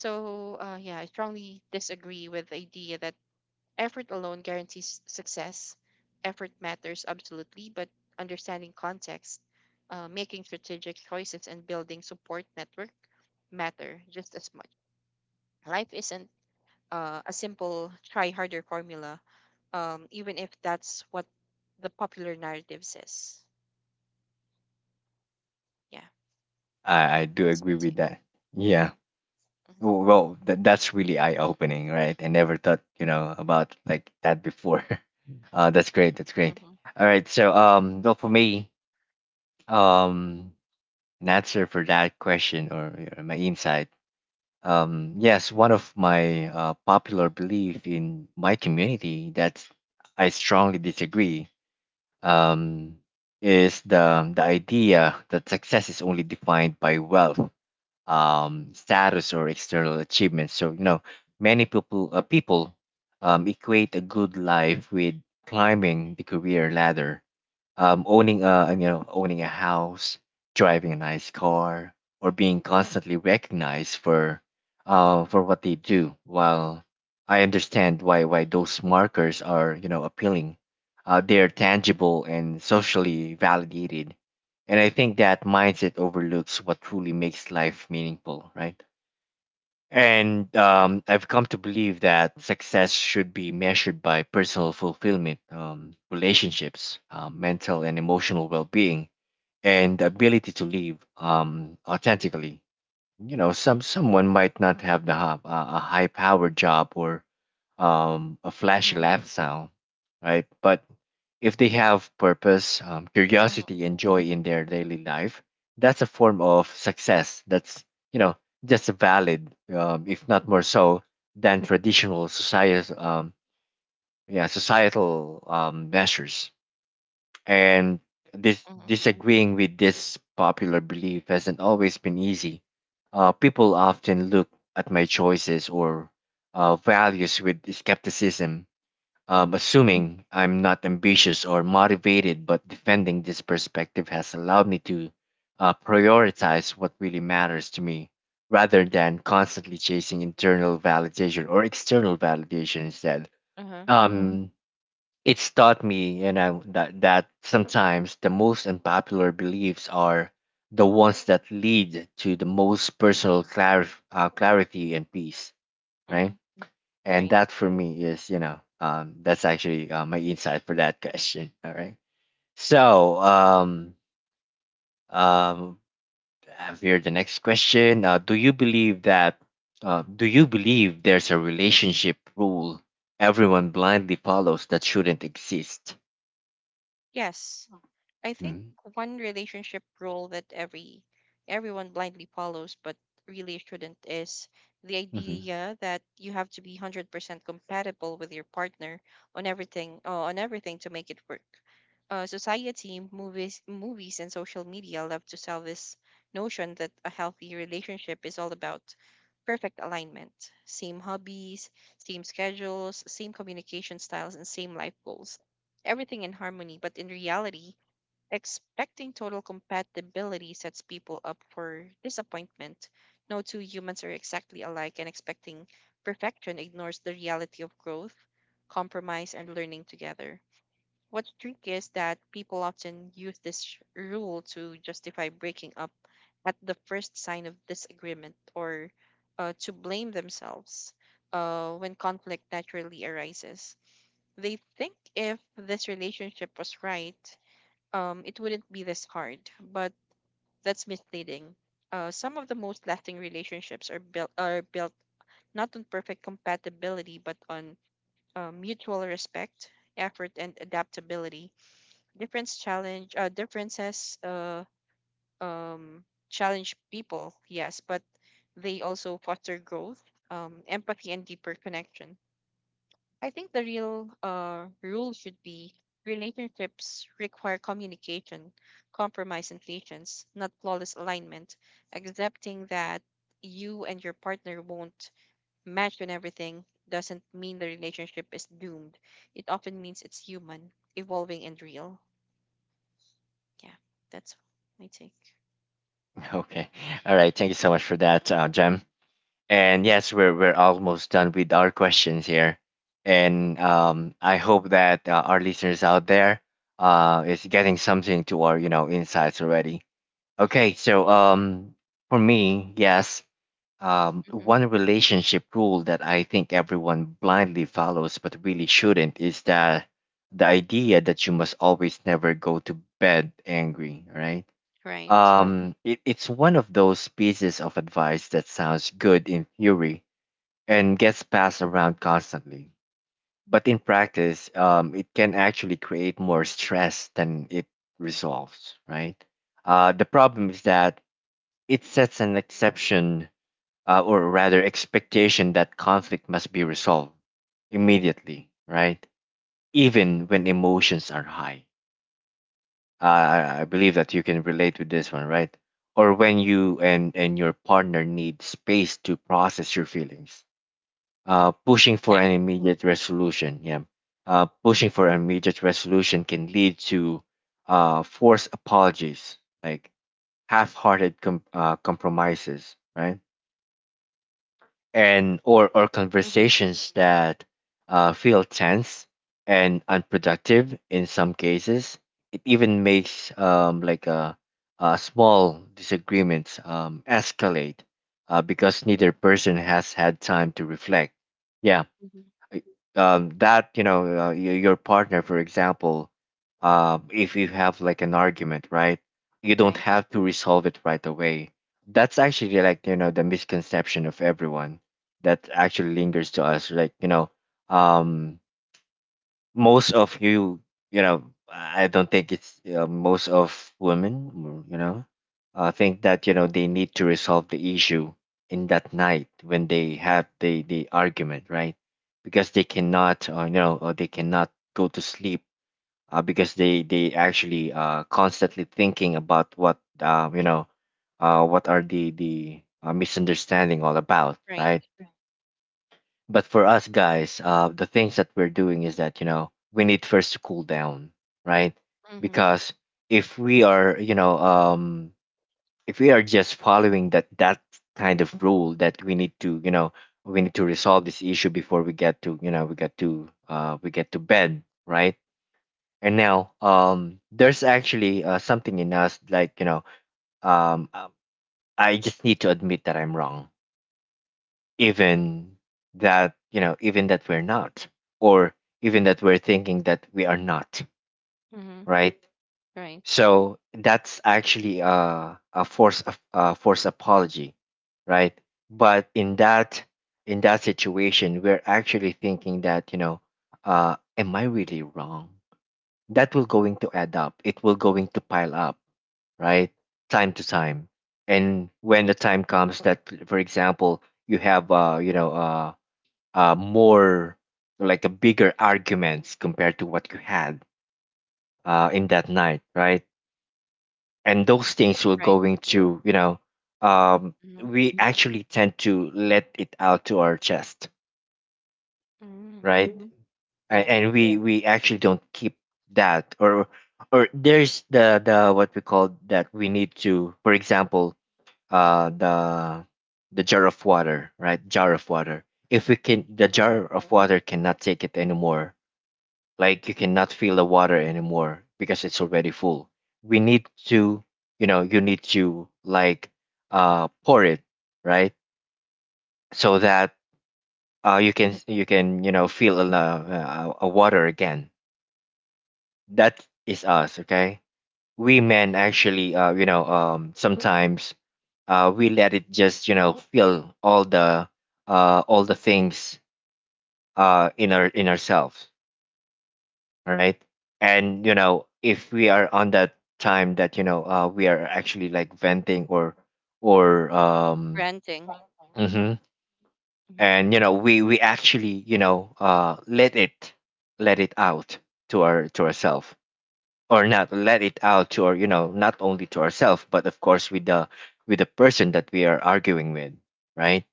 S2: So, yeah, I strongly disagree with the idea that effort alone guarantees success. Effort matters absolutely, but understanding context, making strategic choices, and building support network matter just as much. Life isn't a simple try harder formula, even if that's what the popular narrative says. Yeah,
S1: I do
S2: it's my
S1: agree with
S2: take.
S1: that. Yeah.
S2: Mm-hmm.
S1: Well, that that's really eye opening, right? I never thought, you know, about like that before. <laughs> That's great. That's great.
S2: Mm-hmm.
S1: All right. So, well, for me, um, an answer for that question, or, my insight. Yes, one of my, popular belief in my community that I strongly disagree, um, is the idea that success is only defined by wealth, status, or external achievements. So, you know, many people, equate a good life with climbing the career ladder, owning a owning a house, driving a nice car, or being constantly recognized for, for what they do. While I understand why those markers are, you know, appealing, they are tangible and socially validated, and I think that mindset overlooks what truly makes life meaningful, right? And
S2: Right.
S1: I've come to believe that success should be measured by personal fulfillment, relationships, mental and emotional well being, and the ability to live authentically. You know, someone might not have a high power job or a flashy
S2: Mm-hmm.
S1: lifestyle, right? But if they have purpose,
S2: Mm-hmm.
S1: curiosity and joy in their daily life, that's a form of success that's, you know, just valid, if not more so than traditional societal yeah societal measures. And dis-
S2: Mm-hmm.
S1: disagreeing with this popular belief hasn't always been easy. People often look at my choices or values with skepticism,
S2: Mm-hmm.
S1: assuming I'm not ambitious or motivated, but defending this perspective has allowed me to prioritize what really matters to me rather than constantly chasing internal validation or external validation instead.
S2: Uh-huh.
S1: Um, it's taught me, you know, that sometimes the most unpopular beliefs are the ones that lead to the most personal clarity and peace,
S2: Mm-hmm.
S1: right? And
S2: Right.
S1: that for me is, that's actually my insight for that <laughs> question. All right. So, um, I have here the next question. Do you believe that? Do you believe there's a relationship rule everyone blindly follows that shouldn't exist?
S2: Yes. I think
S1: Hmm?
S2: one relationship rule that everyone blindly follows but really shouldn't is the
S1: Mm-hmm.
S2: idea that you have to be 100% compatible with your partner on everything to make it work. Society, movies, and social media love to sell this notion that a healthy relationship is all about perfect alignment: same hobbies, same schedules, same communication styles, and same life goals, everything in harmony. But in reality, expecting total compatibility sets people up for disappointment. No two humans are exactly alike, and expecting perfection ignores the reality of growth, compromise, and learning together. What's tricky is that people often use this rule to justify breaking up at the first sign of disagreement or to blame themselves when conflict naturally arises. They think if this relationship was right, it wouldn't be this hard, but that's misleading. Some of the most lasting relationships are built not on perfect compatibility, but on mutual respect, effort, and adaptability. Differences, um, challenge people, yes, but they also foster growth, empathy, and deeper connections. I think the real rule should be: relationships require communication, compromise, and patience, not flawless alignment. Accepting that you and your partner won't match on everything doesn't mean the relationship is doomed. It often means it's human, evolving, and real. Yeah, that's my take.
S1: Okay. All right. Thank you so much for that, Jem. And yes, we're almost done with our questions here. And I hope that our listeners out there is getting something to our, you know, insights already. Okay. So for me, yes,
S2: Mm-hmm.
S1: one relationship rule that I think everyone blindly follows but really shouldn't is that the idea that you must always never go to bed angry. Right,
S2: Right.
S1: it's one of those pieces of advice that sounds good in theory and gets passed around constantly. But in practice, it can actually create more stress than it resolves, right? The problem is that it sets an exception, or rather, expectation that conflict must be resolved immediately, right? Even when emotions are high. I believe that you can relate with this one, right? Or when you and your partner need space to process your feelings. Pushing for
S2: Yeah.
S1: an immediate resolution, yeah. Pushing for an immediate resolution can lead to forced apologies, like compromises, right? And or
S2: Mm-hmm.
S1: conversations that feel tense and unproductive. In some cases it even makes, a small disagreements escalate because neither person has had time to reflect, yeah.
S2: Hmm.
S1: That, you know, your partner for example, if you have like an argument, right, you don't
S2: Right.
S1: have to resolve it right away. That's actually like, you know, the misconception of everyone that actually lingers to us, like, you know, um, most of you, you know, I don't think it's, most of women, mm, you know, think that, you know, they need to resolve the issue in that night when they have the argument, right? Because they cannot, you know, or they cannot go to sleep because they actually constantly thinking about what, you know, what are the misunderstanding all about,
S2: Right.
S1: right? But for us guys, the things that we're doing is that, you know, we need first to cool down, right?
S2: Mm-hmm.
S1: Because if we are, you know, if we are just following that kind of rule that we need to, you know, we need to resolve this issue before we get to, you know, we get to bed, right? And now, there's actually something in us like, you know, um, um, I just need to admit that I'm wrong, even that, you know, even that we're not, or even that we're thinking that we are not,
S2: Mm-hmm.
S1: right?
S2: Right.
S1: So that's actually a force apology, right? But in that, in that situation we're actually thinking that, you know, am I really wrong, that will going to add up, it will going to pile up, right, time to time. And when the time comes that, for example, you have more like a bigger arguments compared to what you had in that night, right? And those things will
S2: Right.
S1: going to, you know, um,
S2: Mm-hmm.
S1: we actually tend to let it out to our chest,
S2: Mm-hmm.
S1: right?
S2: Mm-hmm.
S1: And,
S2: Yeah.
S1: we actually don't keep that, or there's the what we call that we need to, for example, uh, the the jar of water, right? Jar of water. If we can, the
S2: Uh-huh.
S1: jar of water cannot take it anymore, like you cannot feel the water anymore because it's already full, we need to, you know, you need to like pour it, right, so that you can you can, you know, feel a water again. That is us, okay. We men actually, you know, sometimes we let it just, you know, feel all the things in our in ourselves, all right? And you know if we are on that time that, you know, we are actually like venting or or um
S2: Renting.
S1: mhm,
S2: Hmm.
S1: and you know we actually, you know, let it, let it out to our to ourselves, or not let it out to our, you know, not only to ourselves but of course with the person that we are arguing with, right?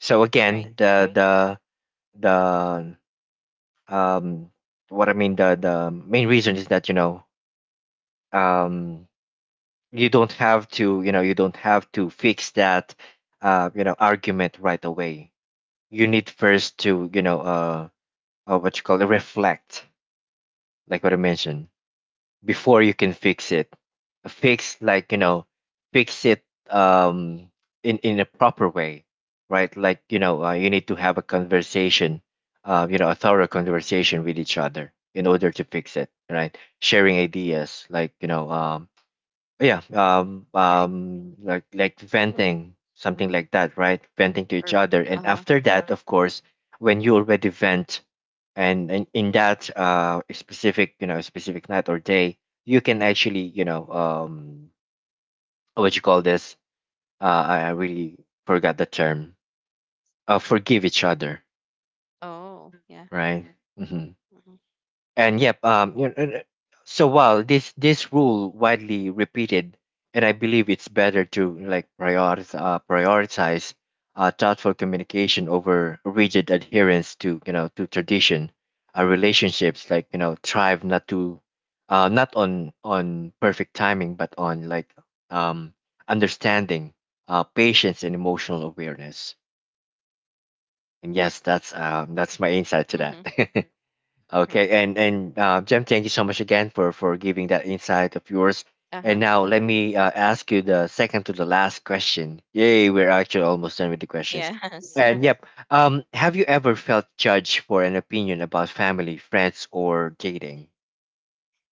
S1: So
S2: Right.
S1: again the the um what I mean the main reason is that, you know, um you don't have to, you know, you don't have to fix that you know argument right away. You need first to, you know, what you call it, reflect, like what I mentioned, before you can fix it, fix like, you know, fix it um in a proper way, right? Like, you know, you need to have a conversation, you know, a thorough conversation with each other in order to fix it, right? Sharing ideas, like, you know, yeah
S2: Yeah. I-
S1: like venting something like that, right? Venting
S2: Right.
S1: to each
S2: Or
S1: other, and
S2: uh-huh.
S1: after that of course, when you already vent, and in that specific, you know, specific night or day, you can actually, you know, what you call this, I really forgot the term, forgive each other,
S2: Oh, yeah.
S1: right. Mm-hmm.
S2: Hmm.
S1: And yep, you know, and, so while this rule widely repeated, and I believe it's better to like prioritize thoughtful communication over rigid adherence to, you know, to tradition. Relationships, like, you know, thrive not to not on on perfect timing, but on like um, understanding, patience, and emotional awareness. And yes, that's my insight to
S2: Hmm.
S1: that. <laughs> Okay,
S2: Right.
S1: and Jem, thank you so much again for giving that insight of yours. And
S2: Uh-huh.
S1: now let me ask you the second to the last question. Yay, we're actually almost done with the
S2: <laughs>
S1: questions.
S2: Yes.
S1: And yep, have you ever felt judged for an opinion about family, friends, or dating?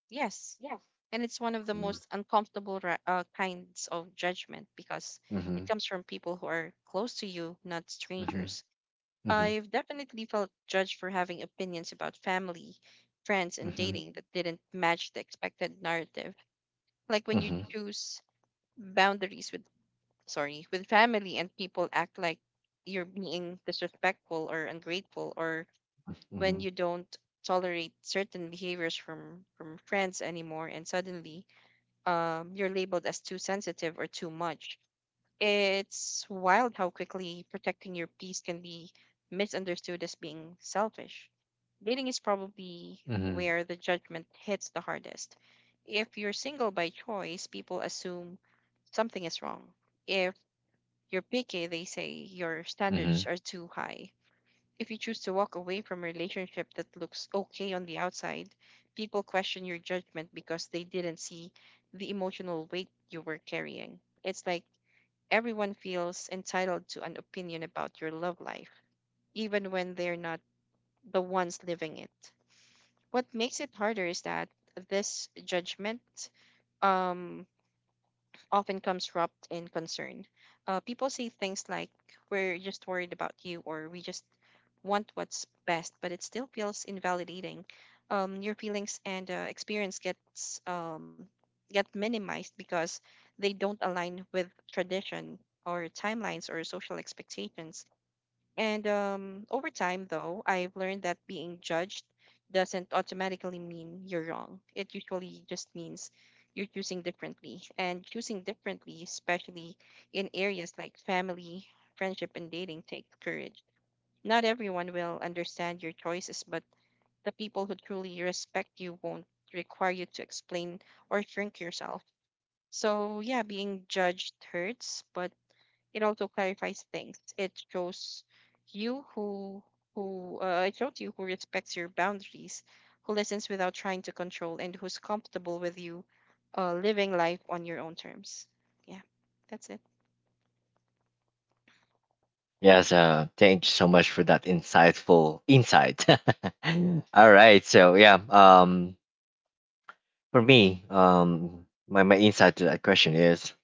S2: Yes. And it's one of the
S1: Mm-hmm.
S2: most uncomfortable kinds of judgment because it
S1: Mm-hmm.
S2: comes from people who are close to you, not
S1: Mm-hmm.
S2: strangers. I've definitely felt judged for having opinions about family, friends, and
S1: Mm-hmm. Mm-hmm.
S2: dating that didn't match the expected narrative. Like when you
S1: Mm-hmm.
S2: choose boundaries with. Sorry, with family, and people act like you're being disrespectful or ungrateful, or when
S1: Mm-hmm.
S2: you don't tolerate certain behaviors from friends anymore and suddenly you're labeled as too sensitive or too much. It's wild how quickly protecting your peace can be misunderstood as being selfish. Dating is probably
S1: Mm-hmm.
S2: where the judgment hits the hardest. If you're single by choice, people assume something is wrong. If you're picky, they say your standards
S1: Mm-hmm.
S2: are too high. If you choose to walk away from a relationship that looks okay on the outside, people question your judgment because they didn't see the emotional weight you were carrying. It's like everyone feels entitled to an opinion about your love life, even when they're not the ones living it. What makes it harder is that this judgment um often comes wrapped in concern. People say things like, "We're just worried about you," or "we just want what's best," but it still feels invalidating. Your feelings and experience get minimized because they don't align with tradition or timelines or social expectations. And over time, though, I've learned that being judged doesn't automatically mean you're wrong. It usually just means you're choosing differently. And choosing differently, especially in areas like family, friendship, and dating, takes courage. Not everyone will understand your choices, but the people who truly respect you won't require you to explain or shrink yourself. So, yeah, being judged hurts, but it also clarifies things. It shows you who it shows you who respects your boundaries, who listens without trying to control, and who's comfortable with you living life on your own terms. Yeah, that's it.
S1: Yes, thank you so much for that insightful insight. <laughs> All right, so yeah, for me, my insight to that question is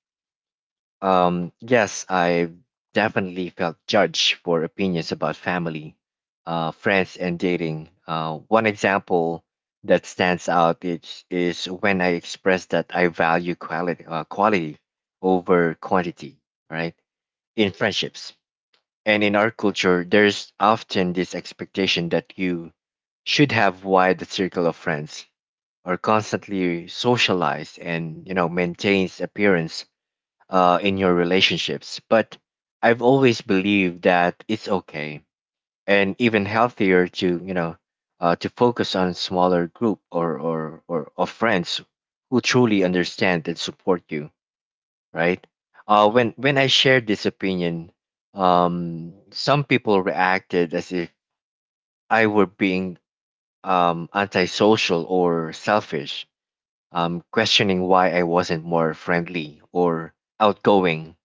S1: yes, I definitely felt judged for opinions about family, friends, and dating. One example that stands out is when I expressed that I value quality, quality over quantity, right? In friendships. And in our culture, there's often this expectation that you should have wide circle of friends or constantly socialize and, you know, maintains appearance in your relationships, but I've always believed that it's okay and even healthier to, you know, to focus on smaller group or, or of friends who truly understand and support you, right? When I shared this opinion, some people reacted as if I were being antisocial or selfish, questioning why I wasn't more friendly or outgoing.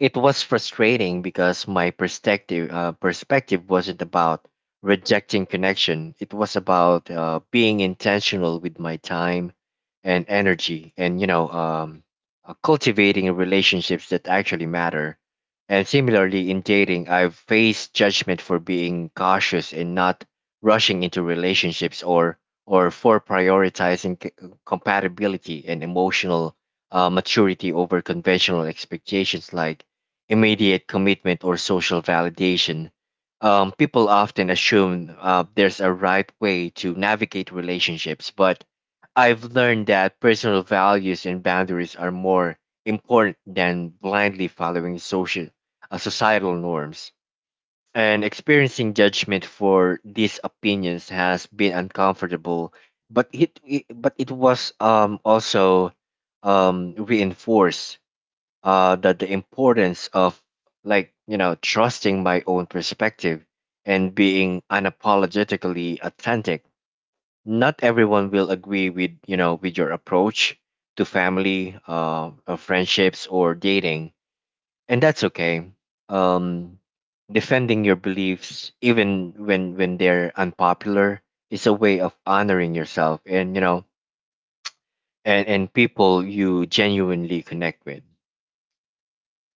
S1: It was frustrating because my perspective wasn't about rejecting connection. It was about being intentional with my time and energy, and, you know, cultivating relationships that actually matter. And similarly, in dating, I've faced judgment for being cautious and not rushing into relationships, or for prioritizing compatibility and emotional maturity over conventional expectations like immediate commitment or social validation. People often assume there's a right way to navigate relationships, but I've learned that personal values and boundaries are more important than blindly following social societal norms. And experiencing judgment for these opinions has been uncomfortable, but it was also reinforced that the importance of trusting my own perspective and being unapologetically authentic. Not everyone will agree with with your approach to family or friendships or dating, and that's okay. um, Defending your beliefs even when they're unpopular is a way of honoring yourself and people you genuinely connect with.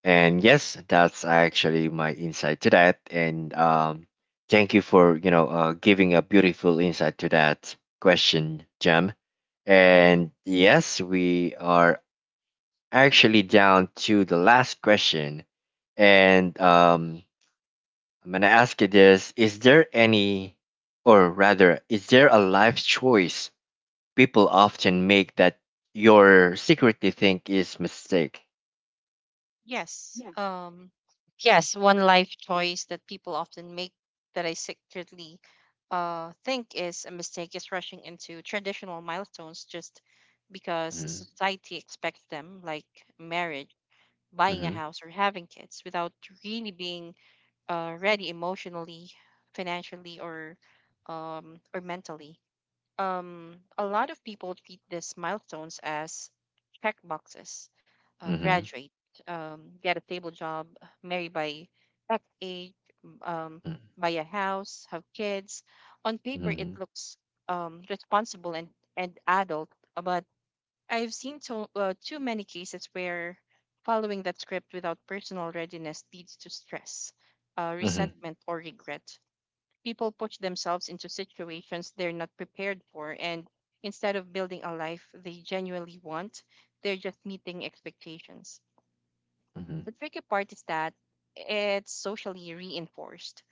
S1: And yes, that's actually my insight to that. And thank you for giving a beautiful insight to that question, Jem.
S2: Hmm.
S1: And yes, we are actually down to the last question. And I'm gonna ask you this: Is there any, or rather, is there a life choice people often make that your secretly think is mistake?
S2: Yes. Yes, one life choice that people often make that I secretly think is a mistake is rushing into traditional milestones just because
S1: Mm-hmm.
S2: society expects them, like marriage, buying a
S1: Mm-hmm.
S2: house, or having kids without really being ready emotionally, financially, or mentally. A lot of people treat these milestones as check boxes:
S1: Mm-hmm.
S2: graduate, get a stable job, marry by X age, um, buy a house, have kids. On paper, it
S1: Mm-hmm.
S2: looks responsible and adult, but I've seen too many cases where following that script without personal readiness leads to stress,
S1: Mm-hmm.
S2: resentment, or regret. People push themselves into situations they're not prepared for, and instead of building a life they genuinely want, they're just meeting expectations.
S1: Mhm.
S2: The tricky part is that it's socially reinforced.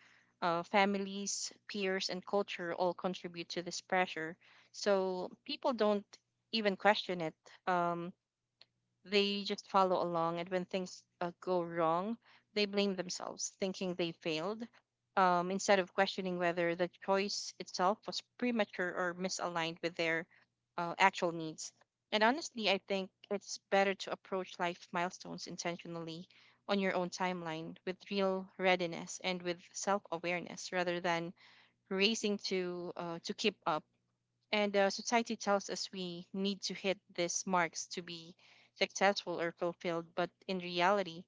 S2: Families, peers, and culture all contribute to this pressure, so people don't even question it. Um, they just follow along, and when things go wrong, they blame themselves, thinking they failed, instead of questioning whether the choice itself was premature or misaligned with their actual needs. And honestly, I think it's better to approach life milestones intentionally on your own timeline, with real readiness and with self awareness, rather than racing to keep up and society tells us we need to hit these marks to be successful or fulfilled. But in reality,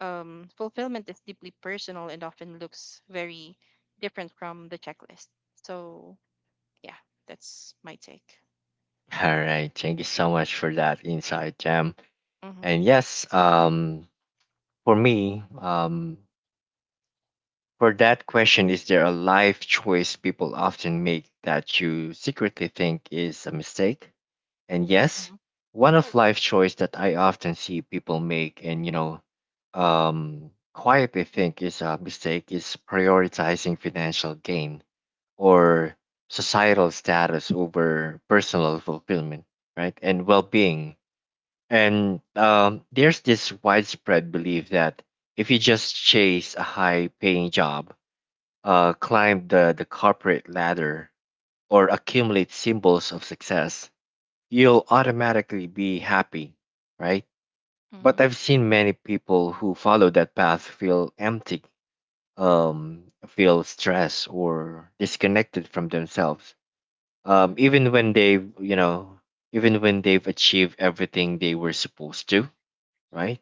S2: fulfillment is deeply personal and often looks very different from the checklist. So, yeah, that's my take.
S1: All right. Thank you so much for that insight, Jam.
S2: Mm-hmm.
S1: And yes,
S2: Yeah.
S1: for me, for that question, is there a life choice people often make that you secretly think is a mistake? And yes,
S2: Mm-hmm.
S1: one of life choice that I often see people make and, quietly think is a mistake is prioritizing financial gain or societal status over personal fulfillment, right? And well-being. And there's this widespread belief that if you just chase a high paying job, climb the corporate ladder, or accumulate symbols of success, you'll automatically be happy, right? But
S2: Mm-hmm.
S1: I've seen many people who follow that path feel empty, feel stressed, or disconnected from themselves.
S2: Mm-hmm.
S1: Even when they've achieved everything they were supposed to, right?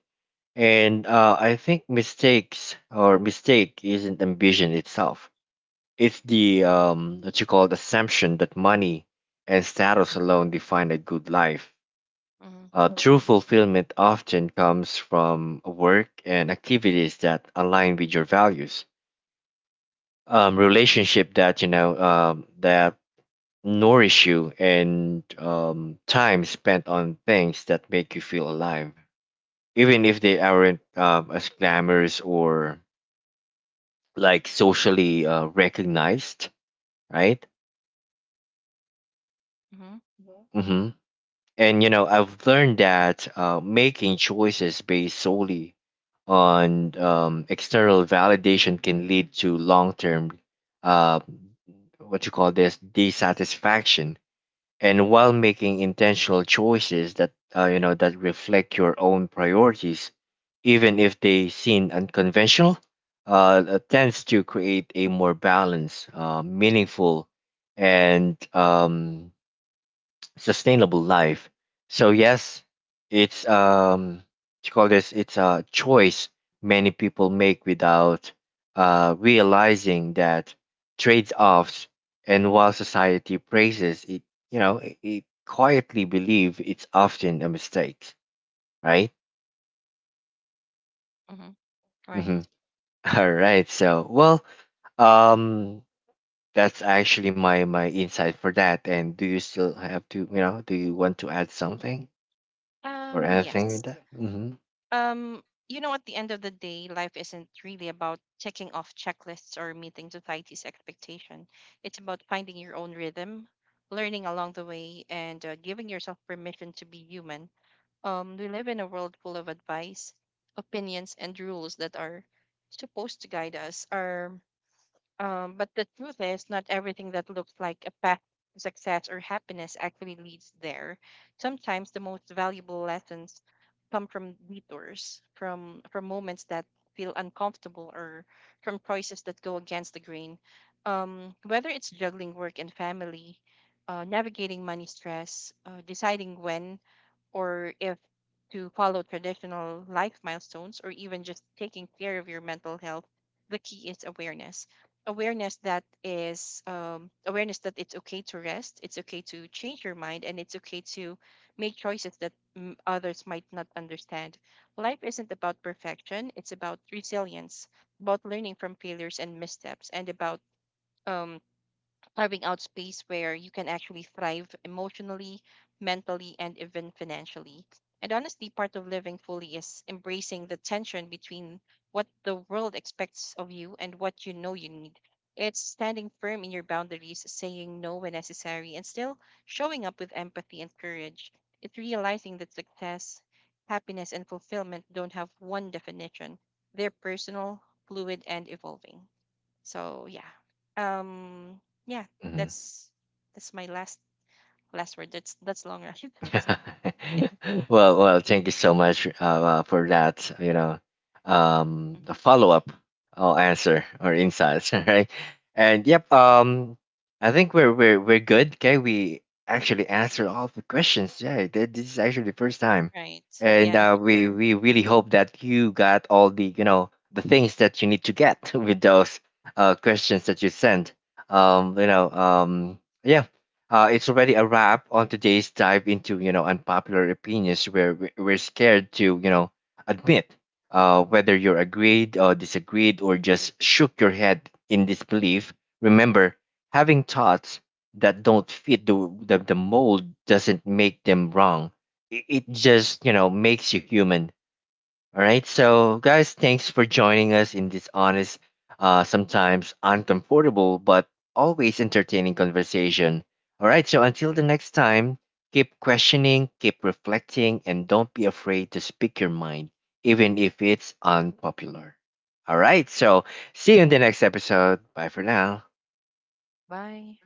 S1: And I think mistakes or mistake isn't ambition itself. It's the what you call the assumption that money and status alone define a good life. True fulfillment often comes from work and activities that align with your values, relationship that that nourish you, and time spent on things that make you feel alive, even if they aren't as glamorous or like socially recognized, right?
S2: Mm-hmm.
S1: hmm And you know, I've learned that making choices based solely on external validation can lead to long-term, uh, what you call this, dissatisfaction, and while making intentional choices that that reflect your own priorities, even if they seem unconventional, tends to create a more balanced, meaningful, and sustainable life. So yes, it's what you call this, it's a choice many people make without realizing that trade-offs, and while society praises it, it quietly believe it's often a mistake, right?
S2: Mm-hmm. Right.
S1: Mm-hmm. <laughs> All right. So, well, um that's actually my insight for that. And do you still have to, you know, do you want to add something or anything with
S2: Yes.
S1: that? Mm-hmm.
S2: Um, you know, at the end of the day, life isn't really about checking off checklists or meeting society's expectation. It's about finding your own rhythm, learning along the way, and giving yourself permission to be human. We live in a world full of advice, opinions, and rules that are supposed to guide us. Our But the truth is, not everything that looks like a path to success or happiness actually leads there. Sometimes the most valuable lessons come from detours, from moments that feel uncomfortable, or from choices that go against the grain. Whether it's juggling work and family, navigating money stress, deciding when or if to follow traditional life milestones, or even just taking care of your mental health, the key is awareness. Awareness that is awareness that it's okay to rest, it's okay to change your mind, and it's okay to make choices that others might not understand. Life isn't about perfection; it's about resilience, about learning from failures and missteps, and about um, carving out space where you can actually thrive emotionally, mentally, and even financially. And honestly, part of living fully is embracing the tension between what the world expects of you and what you know you need. It's standing firm in your boundaries, saying no when necessary, and still showing up with empathy and courage. It's realizing that success, happiness, and fulfillment don't have one definition. They're personal, fluid, and evolving. So yeah. Um yeah,
S1: Mm-hmm.
S2: that's that's my last word. That's long run. <laughs> So
S1: <laughs>
S2: yeah.
S1: Well, well, thank you so much for that. You know,
S2: mhm.
S1: the follow up or answer or insights, <laughs> right? And yep, I think we're good. Okay, we actually answered all the questions. Yeah, this is actually the first time,
S2: Right.
S1: and
S2: Yeah.
S1: we really hope that you got all the the things that you need to get <laughs> with those questions that you sent. Yeah, it's already a wrap on today's dive into unpopular opinions where we're scared to admit whether you're agreed or disagreed or just shook your head in disbelief. Remember, having thoughts that don't fit the mold doesn't make them wrong. It just makes you human. All right, so guys, thanks for joining us in this honest, sometimes uncomfortable, but always entertaining conversation. All right, so until the next time, keep questioning, keep reflecting, and don't be afraid to speak your mind, even if it's unpopular. All right, so see you in the next episode. Bye for now.
S2: Bye.